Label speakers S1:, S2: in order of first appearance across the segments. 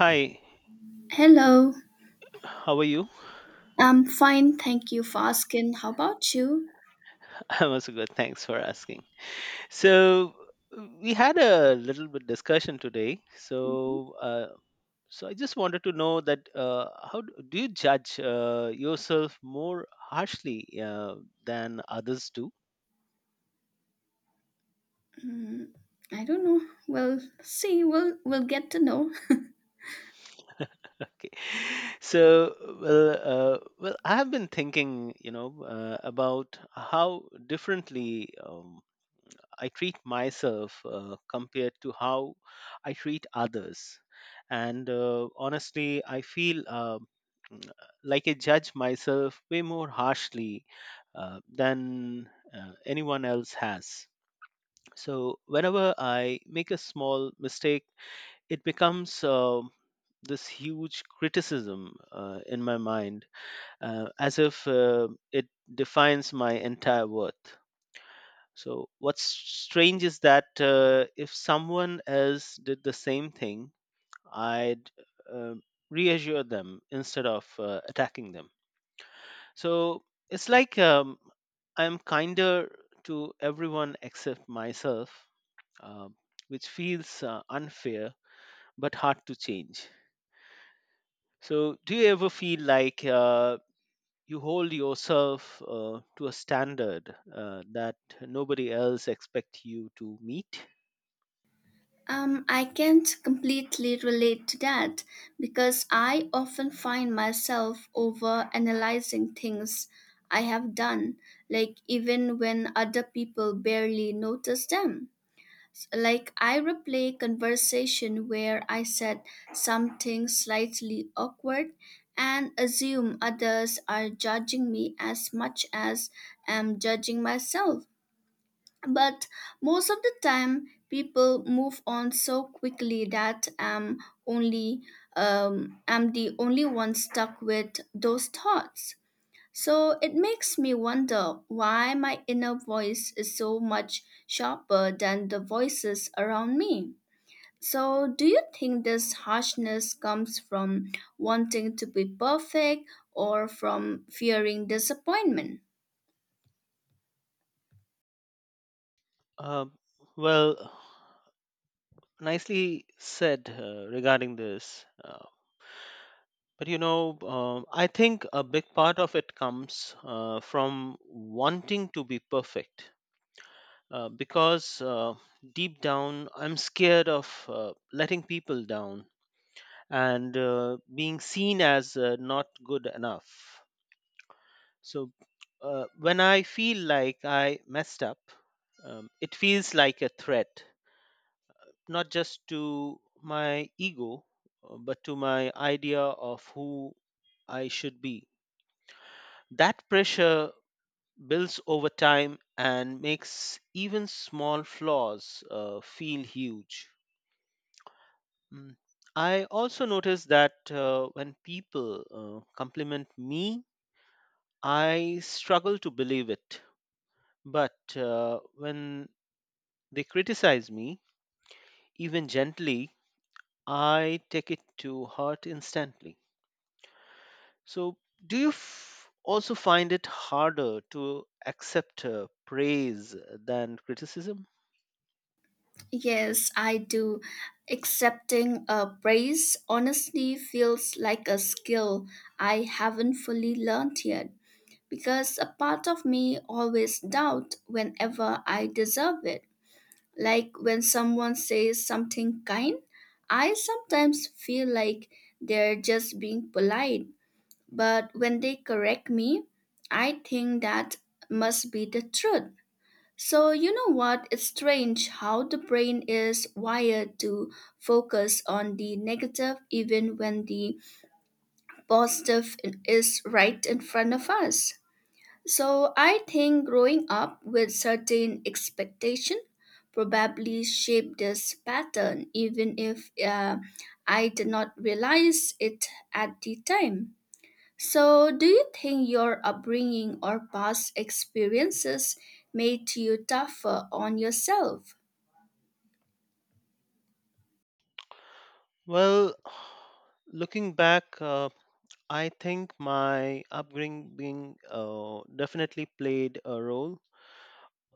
S1: Hi,
S2: Hello,
S1: how are you?
S2: I'm fine, thank you for asking. How about you?
S1: I'm also good. Thanks for asking. So we had a little bit discussion today.
S2: Mm-hmm.
S1: So I just wanted to know that how do you judge yourself more harshly than others do?
S2: Mm, I don't know. We'll see, we'll get to know.
S1: Okay. So well, well, I have been thinking, about how differently. I treat myself compared to how I treat others. And honestly, I feel uh, mm, like I judge myself way more harshly than anyone else has. So, whenever I make a small mistake, it becomes this huge criticism in my mind, as if it defines my entire worth. So what's strange is that if someone else did the same thing, I'd uh, reassure them instead of attacking them. So it's like I'm kinder to everyone except myself, uh, which feels unfair but hard to change. So do you ever feel like you hold yourself to a standard that nobody else expect you to meet?
S2: I can't completely relate to that because I often find myself over analyzing things I have done, like even when other people barely notice them. Like I replay conversation where I said something slightly awkward and assume others are judging me as much as I'm judging myself. But most of the time, people move on so quickly that only I'm the only one stuck with those thoughts. So it makes me wonder why my inner voice is so much sharper than the voices around me. So, do you think this harshness comes from wanting to be perfect or from fearing disappointment?
S1: Uh, well, nicely said regarding this. But you know, I think a big part of it comes from wanting to be perfect. Because deep down, I'm scared of letting people down and being seen as not good enough. So when I feel like I messed up, it feels like a threat, not just to my ego, but to my idea of who I should be. That pressure builds over time and makes even small flaws feel huge. Mm. I also notice that when people compliment me, I struggle to believe it. But when they criticize me, even gently, I take it to heart instantly. So, do you also find it harder to accept praise than criticism?
S2: Yes, I do. Accepting a praise honestly feels like a skill I haven't fully learned yet because a part of me always doubt whenever I deserve it. Like when someone says something kind, I sometimes feel like they're just being polite. But when they correct me, I think that must be the truth. So, you know what? It's strange how the brain is wired to focus on the negative even when the positive is right in front of us. So I think growing up with certain expectation probably shaped this pattern, even if I did not realize it at the time. So do you think your upbringing or past experiences made you tougher on yourself?
S1: Well, looking back, I think my upbringing definitely played a role,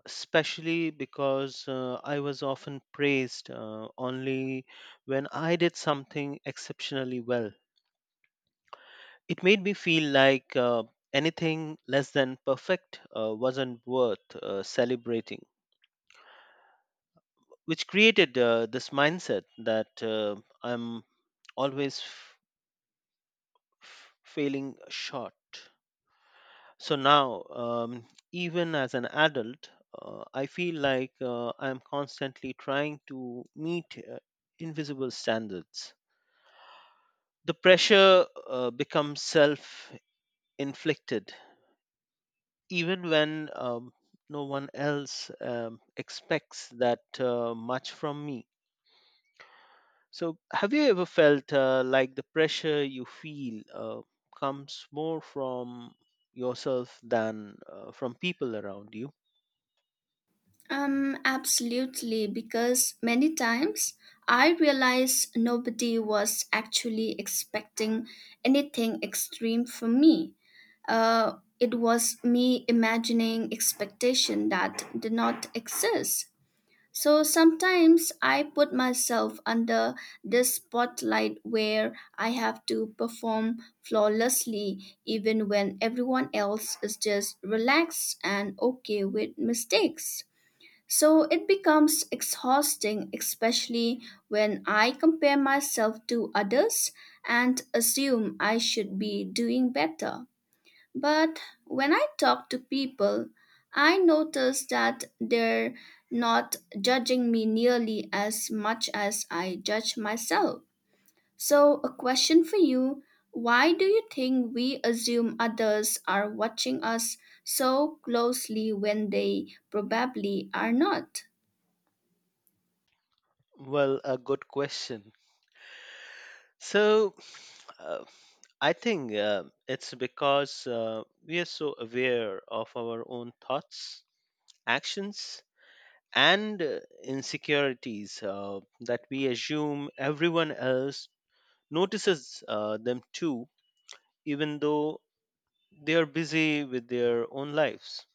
S1: especially because I was often praised only when I did something exceptionally well. It made me feel like anything less than perfect wasn't worth celebrating, which created this mindset that I'm always failing short. So now, even as an adult, I feel like I'm constantly trying to meet invisible standards. The pressure becomes self inflicted even when no one else expects that much from me. So, have you ever felt like the pressure you feel comes more from yourself than from people around you?
S2: Absolutely, because many times I realized nobody was actually expecting anything extreme from me. It was me imagining expectation that did not exist. So sometimes I put myself under this spotlight where I have to perform flawlessly even when everyone else is just relaxed and okay with mistakes. So it becomes exhausting, especially when I compare myself to others and assume I should be doing better. But when I talk to people, I notice that they're not judging me nearly as much as I judge myself. So, a question for you: why do you think we assume others are watching us so closely when they probably are not?
S1: Well, a good question. So, uh, I think it's because we are so aware of our own thoughts, actions, and insecurities that we assume everyone else notices them too, even though they are busy with their own lives.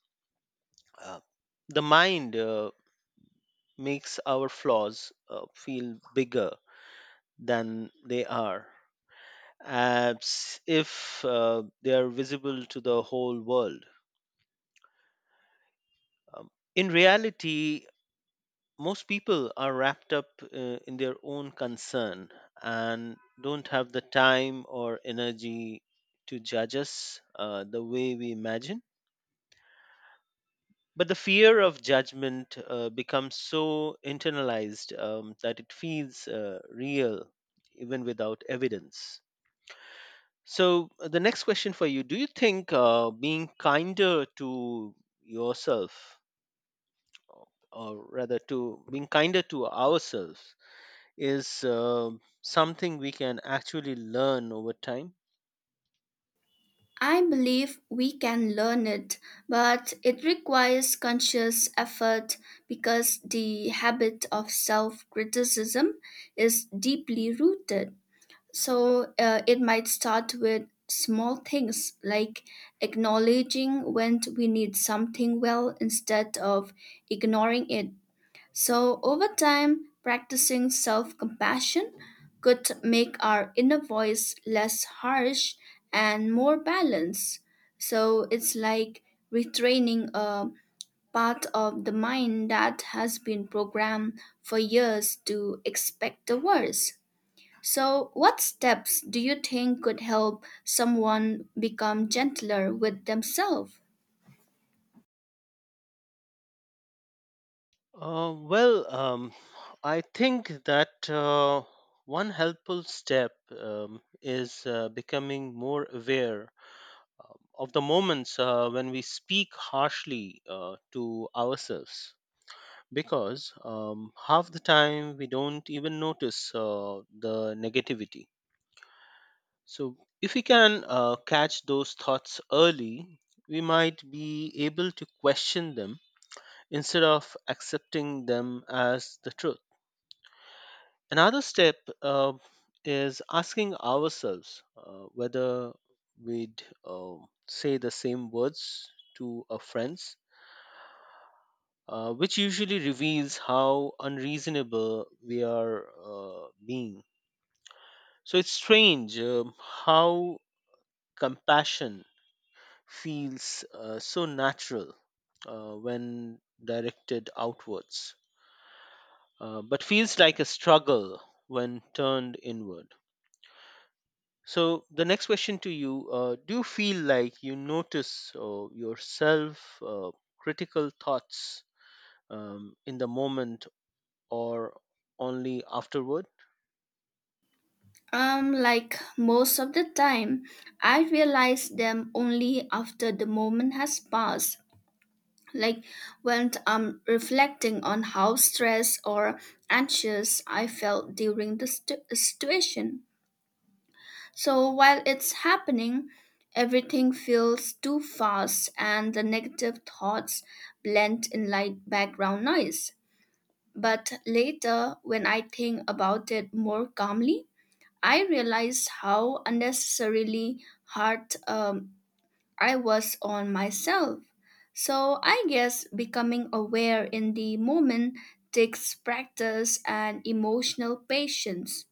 S1: Uh, the mind makes our flaws feel bigger than they are, as if they are visible to the whole world. Um, in reality, most people are wrapped up in their own concern and don't have the time or energy to judge us the way we imagine. But the fear of judgment becomes so internalized that it feels real even without evidence. So, the next question for you: do you think being kinder to yourself, or rather to being kinder to ourselves, is something we can actually learn over time?
S2: I believe we can learn it, but it requires conscious effort because the habit of self criticism is deeply rooted. So it might start with small things like acknowledging when we need something well instead of ignoring it. So, over time, practicing self compassion could make our inner voice less harsh and more balanced. So, it's like retraining a part of the mind that has been programmed for years to expect the worst. So, what steps do you think could help someone become gentler with themselves?
S1: Well, I think that one helpful step is becoming more aware of the moments when we speak harshly to ourselves. Because half the time we don't even notice the negativity. So, if we can catch those thoughts early, we might be able to question them instead of accepting them as the truth. Another step is asking ourselves whether we'd say the same words to our friends, which usually reveals how unreasonable we are being. So it's strange how compassion feels so natural when directed outwards, but feels like a struggle when turned inward. So, the next question to you, do you feel like you notice yourself critical thoughts in the moment or only afterward?
S2: Like most of the time, I realize them only after the moment has passed. Like when I'm reflecting on how stressed or anxious I felt during the situation. So while it's happening, everything feels too fast and the negative thoughts blend in like background noise. But later, when I think about it more calmly, I realized how unnecessarily hard I was on myself. So I guess becoming aware in the moment takes practice and emotional patience.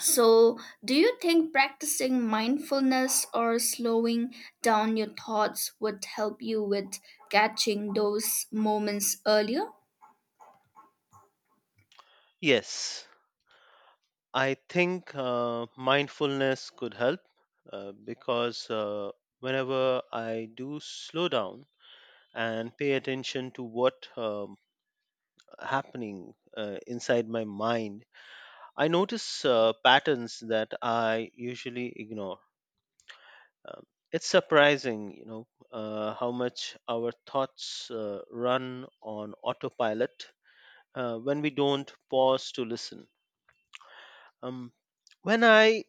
S2: So, do you think practicing mindfulness or slowing down your thoughts would help you with catching those moments earlier?
S1: Yes, I think mindfulness could help because whenever I do slow down and pay attention to what happening inside my mind, I notice patterns that I usually ignore. Um, it's surprising, how much our thoughts run on autopilot when we don't pause to listen. Um, when I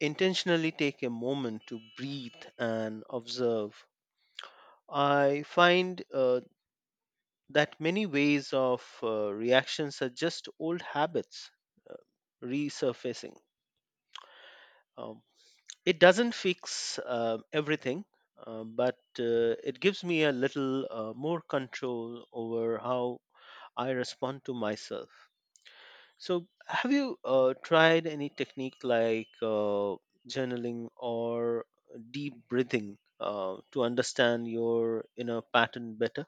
S1: intentionally take a moment to breathe and observe, I find that many ways of reactions are just old habits uh, resurfacing. Um, It doesn't fix everything, but it gives me a little more control over how I respond to myself. So, have you tried any technique like journaling or deep breathing to understand your inner pattern better?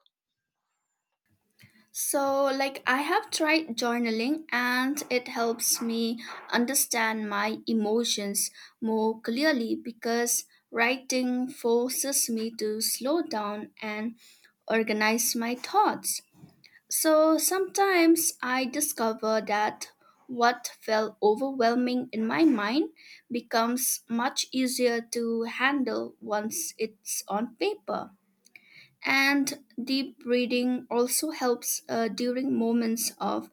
S2: So, like, I have tried journaling and it helps me understand my emotions more clearly because writing forces me to slow down and organize my thoughts. So, sometimes I discover that what felt overwhelming in my mind becomes much easier to handle once it's on paper, and deep breathing also helps during moments of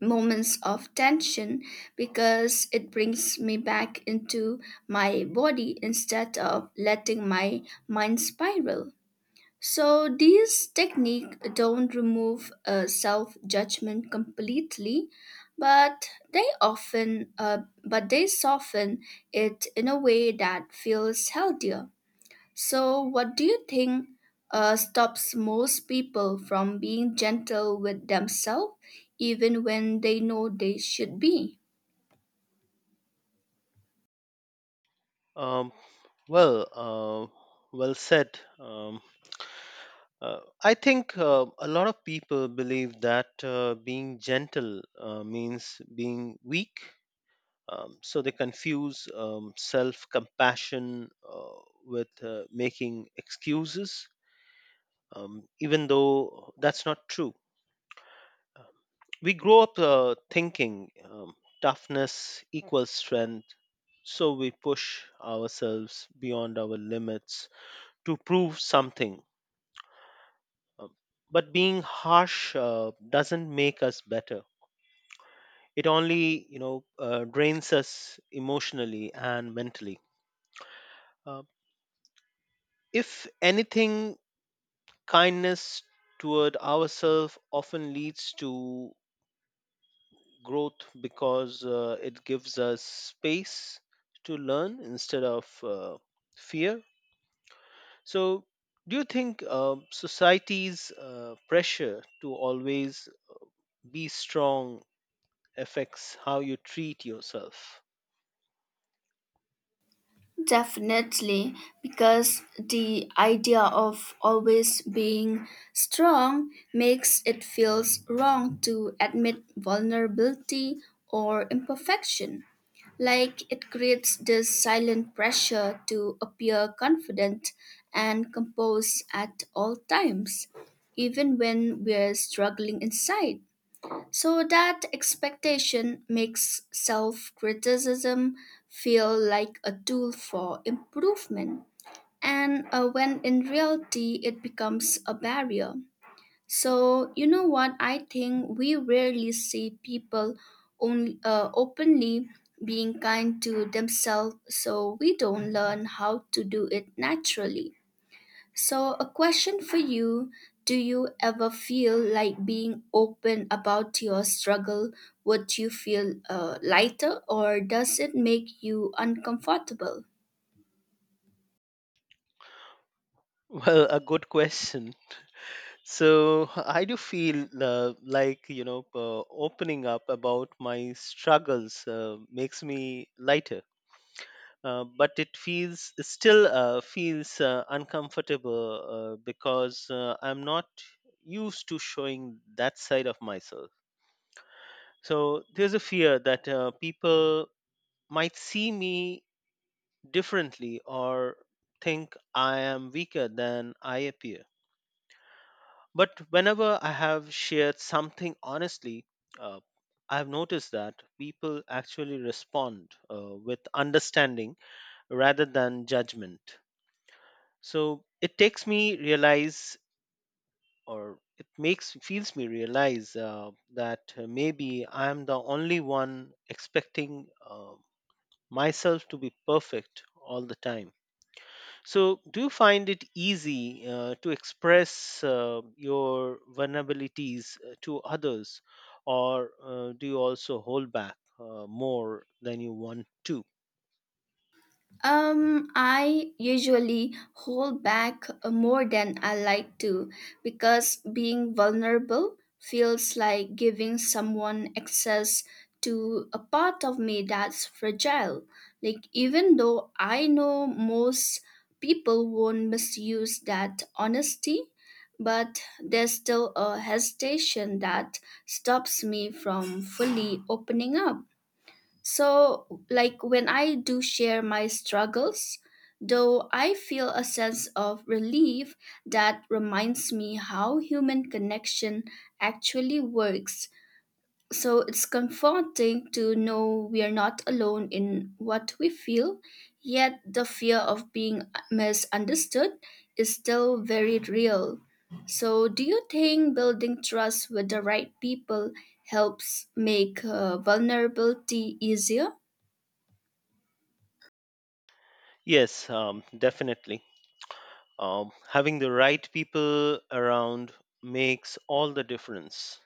S2: moments of tension because it brings me back into my body instead of letting my mind spiral. So these technique don't remove self judgment completely, but they often but they soften it in a way that feels healthier. So, what do you think stops most people from being gentle with themselves, even when they know they should be?
S1: Um, well, well said. I think a lot of people believe that being gentle means being weak. So they confuse self compassion with making excuses, even though that's not true. Um, We grow up thinking toughness equals strength, so we push ourselves beyond our limits to prove something. Um, but being harsh doesn't make us better. It only, drains us emotionally and mentally. Uh, if anything, kindness toward ourselves often leads to growth because it gives us space to learn instead of fear. So, do you think society's pressure to always be strong affects how you treat yourself?
S2: Definitely, because the idea of always being strong makes it feels wrong to admit vulnerability or imperfection. Like it creates this silent pressure to appear confident and composed at all times, even when we're struggling inside. So that expectation makes self criticism feel like a tool for improvement. And when in reality, it becomes a barrier. So, you know what? I think we rarely see people openly being kind to themselves, so we don't learn how to do it naturally. So, a question for you: do you ever feel like being open about your struggle would you feel lighter, or does it make you uncomfortable?
S1: Well, a good question. So I do feel like opening up about my struggles makes me lighter, but it feels still feels uncomfortable because I'm not used to showing that side of myself. So there's a fear that people might see me differently or think I am weaker than I appear. But whenever I have shared something honestly, uh, I've noticed that people actually respond with understanding rather than judgment. So it takes me realize, or it makes feels me realize that maybe I am the only one expecting myself to be perfect all the time. So, do you find it easy to express your vulnerabilities to others, or do you also hold back more than you want to?
S2: I usually hold back more than I like to because being vulnerable feels like giving someone access to a part of me that's fragile. Like, even though I know most people won't misuse that honesty, but there's still a hesitation that stops me from fully opening up. So, like when I do share my struggles, though I feel a sense of relief that reminds me how human connection actually works. So, it's comforting to know we are not alone in what we feel, yet the fear of being misunderstood is still very real. So, do you think building trust with the right people helps make vulnerability easier?
S1: Yes, definitely. Having the right people around makes all the difference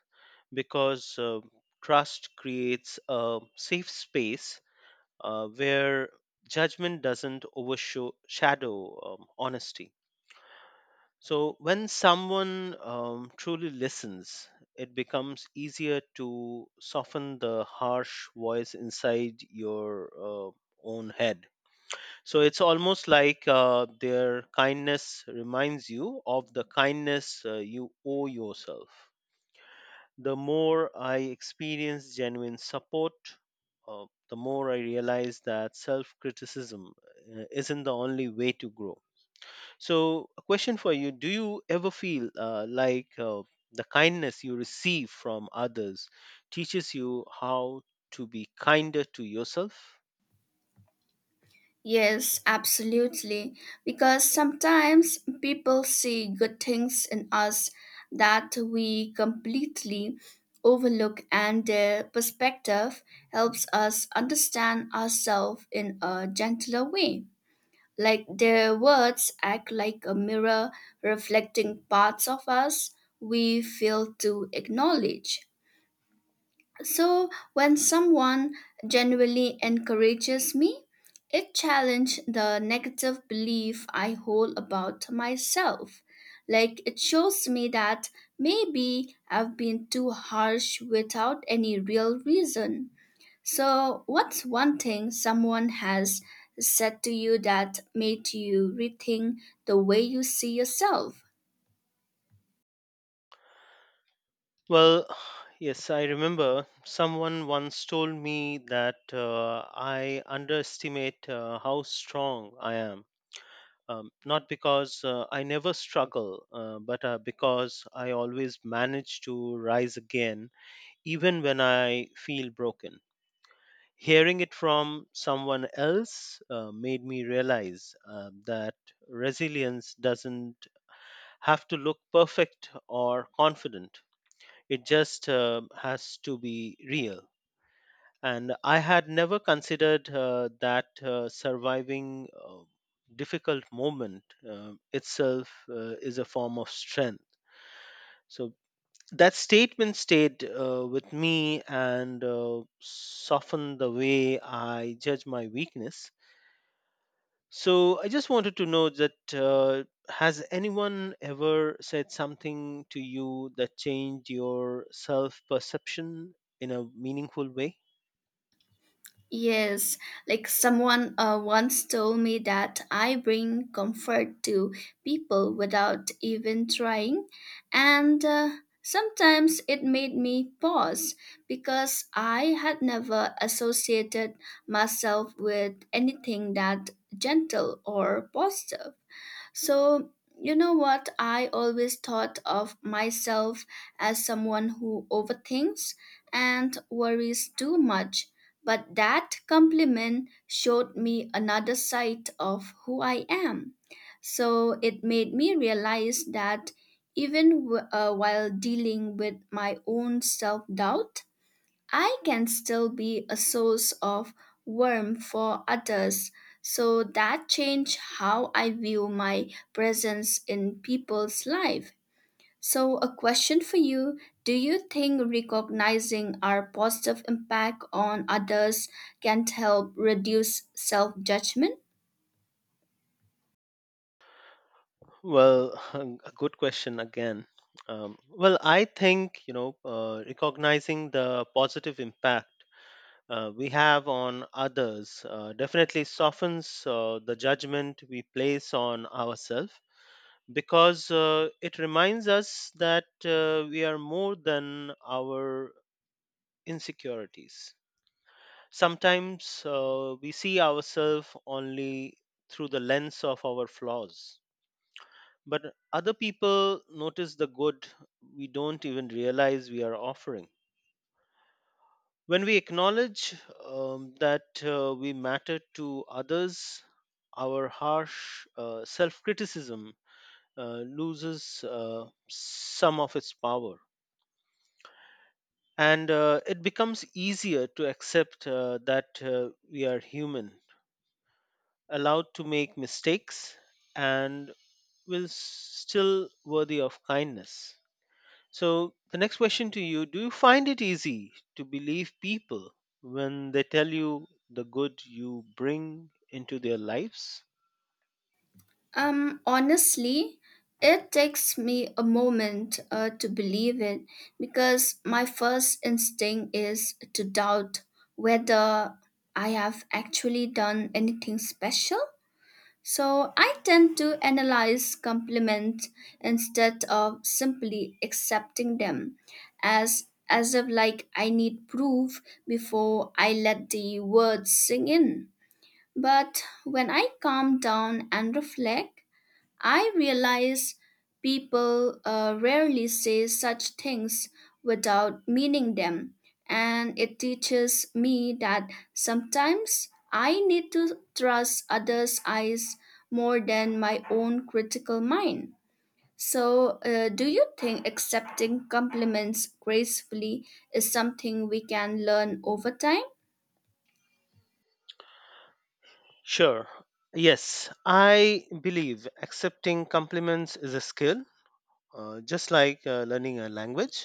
S1: because trust creates a safe space where judgment doesn't overshadow honesty. So, when someone truly listens, it becomes easier to soften the harsh voice inside your own head. So, it's almost like their kindness reminds you of the kindness you owe yourself. The more I experience genuine support, uh, the more I realize that self criticism isn't the only way to grow. So, a question for you: do you ever feel like the kindness you receive from others teaches you how to be kinder to yourself?
S2: Yes, absolutely. Because sometimes people see good things in us that we completely overlook, and their perspective helps us understand ourselves in a gentler way. Like their words act like a mirror reflecting parts of us we fail to acknowledge. So when someone genuinely encourages me, it challenges the negative belief I hold about myself. Like it shows me that maybe I've been too harsh without any real reason. So what's one thing someone has said to you that made you rethink the way you see yourself?
S1: Well, yes, I remember someone once told me that I underestimate how strong I am. Not because I never struggle, but because I always manage to rise again, even when I feel broken. Hearing it from someone else made me realize that resilience doesn't have to look perfect or confident, it just has to be real, and I had never considered that surviving difficult moment itself is a form of strength. So that statement stayed with me and softened the way I judge my weakness. So I just wanted to know that has anyone ever said something to you that changed your self perception in a meaningful way?
S2: Yes, like someone once told me that I bring comfort to people without even trying, and sometimes it made me pause because I had never associated myself with anything that gentle or positive. So, you know what? I always thought of myself as someone who overthinks and worries too much. But that compliment showed me another side of who I am. So it made me realize that even while dealing with my own self doubt, I can still be a source of warmth for others, so that changed how I view my presence in people's life. So a question for you, do you think recognizing our positive impact on others can help reduce self-judgment?
S1: Well, a good question again. Well, I think, recognizing the positive impact we have on others definitely softens the judgment we place on ourselves because it reminds us that we are more than our insecurities. Sometimes we see ourselves only through the lens of our flaws, but other people notice the good we don't even realize we are offering. When we acknowledge that we matter to others, our harsh self criticism loses some of its power, and it becomes easier to accept that we are human, allowed to make mistakes, and will still worthy of kindness. So the next question to you: do you find it easy to believe people when they tell you the good you bring into their lives?
S2: Honestly, it takes me a moment to believe it because my first instinct is to doubt whether I have actually done anything special. So I tend to analyze compliments instead of simply accepting them, as if like I need proof before I let the words sink in. But when I calm down and reflect, I realize people rarely say such things without meaning them, and it teaches me that sometimes I need to trust others' eyes more than my own critical mind. So, do you think accepting compliments gracefully is something we can learn over time?
S1: Sure, yes, I believe accepting compliments is a skill just like learning a language.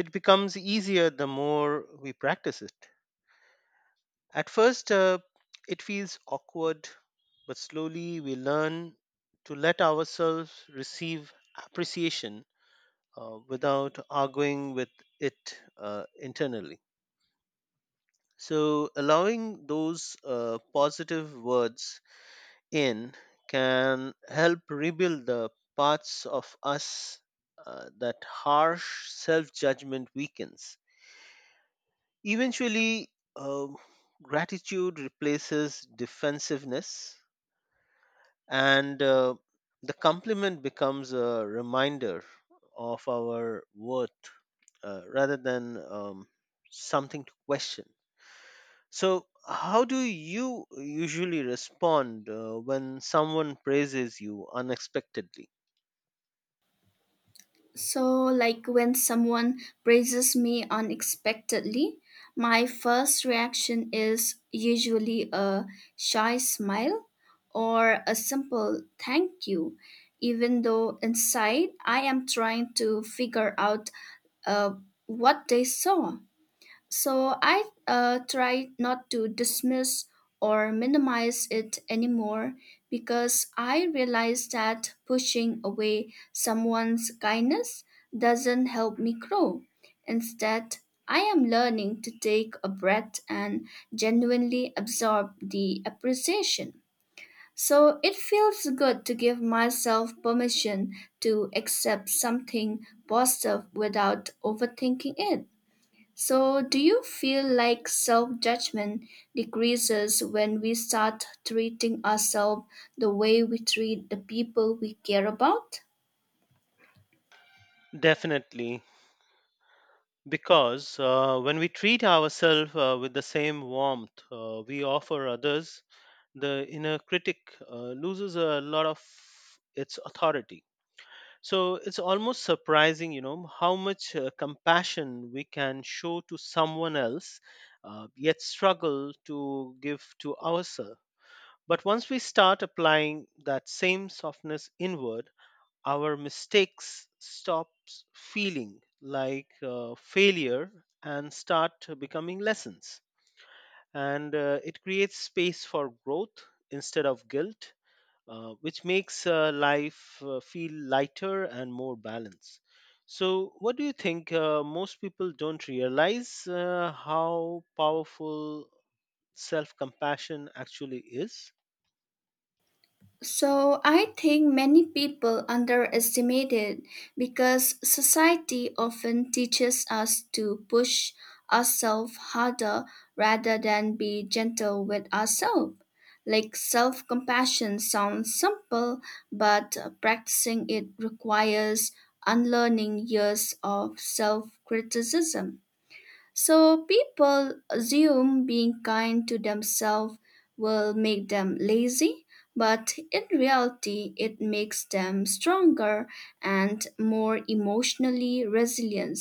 S1: It becomes easier the more we practice it. At first, it feels awkward, but slowly we learn to let ourselves receive appreciation without arguing with it internally. So, allowing those positive words in can help rebuild the parts of us that harsh self judgment weakens. Eventually, uh, gratitude replaces defensiveness, and the compliment becomes a reminder of our worth rather than something to question. So, how do you usually respond when someone praises you unexpectedly?
S2: So, like when someone praises me unexpectedly, my first reaction is usually a shy smile or a simple thank you, even though inside I am trying to figure out uh, what they saw. So I try not to dismiss or minimize it anymore because I realize that pushing away someone's kindness doesn't help me grow. Instead, I am learning to take a breath and genuinely absorb the appreciation. So it feels good to give myself permission to accept something positive without overthinking it. So, do you feel like self judgment decreases when we start treating ourselves the way we treat the people we care about?
S1: Definitely. Because when we treat ourselves with the same warmth we offer others, the inner critic loses a lot of its authority. So it's almost surprising, you know, how much compassion we can show to someone else, yet struggle to give to ourselves. But once we start applying that same softness inward, our mistakes stops feeling like failure and start becoming lessons, and it creates space for growth instead of guilt, which makes life feel lighter and more balanced. So what do you think, most people don't realize how powerful self compassion actually is?
S2: So I think many people underestimate it because society often teaches us to push ourselves harder rather than be gentle with ourselves. Like self compassion sounds simple, but practicing it requires unlearning years of self criticism. So people assume being kind to themselves will make them lazy, but in reality, it makes them stronger and more emotionally resilient.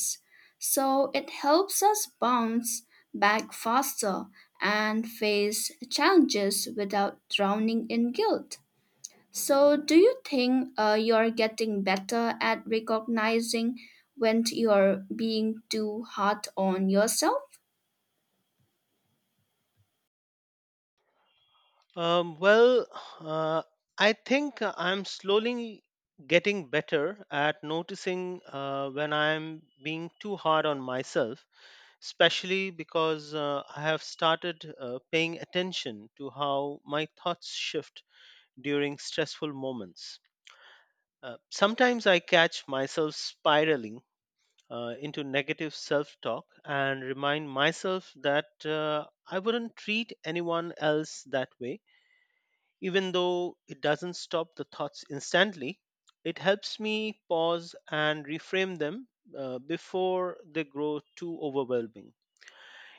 S2: So it helps us bounce back faster and face challenges without drowning in guilt. So, do you think you're getting better at recognizing when you're being too hard on yourself?
S1: Well, uh, I think I'm slowly getting better at noticing when I'm being too hard on myself, especially because I have started paying attention to how my thoughts shift during stressful moments. Sometimes I catch myself spiraling into negative self talk and remind myself that I wouldn't treat anyone else that way. Even though it doesn't stop the thoughts instantly, it helps me pause and reframe them before they grow too overwhelming.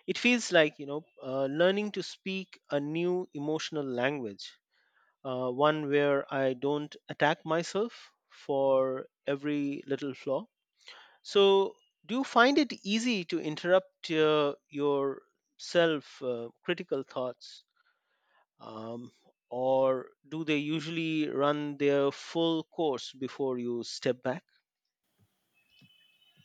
S1: It feels like, learning to speak a new emotional language, one where I don't attack myself for every little flaw. So, do you find it easy to interrupt your self critical thoughts um, or do they usually run their full course before you step back?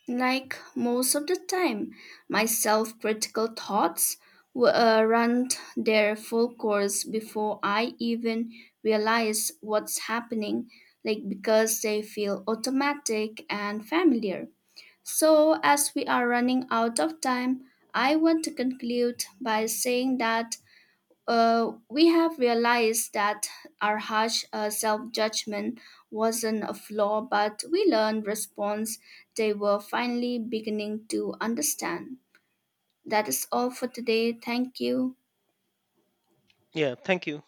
S2: Like most of the time, my self critical thoughts run their full course before I even realize what's happening, like because they feel automatic and familiar. So, as we are running out of time, I want to conclude by saying that we have realized that our harsh self-judgment wasn't a flaw, but we learned response they were finally beginning to understand. That is all for today. Thank you.
S1: Yeah, thank you.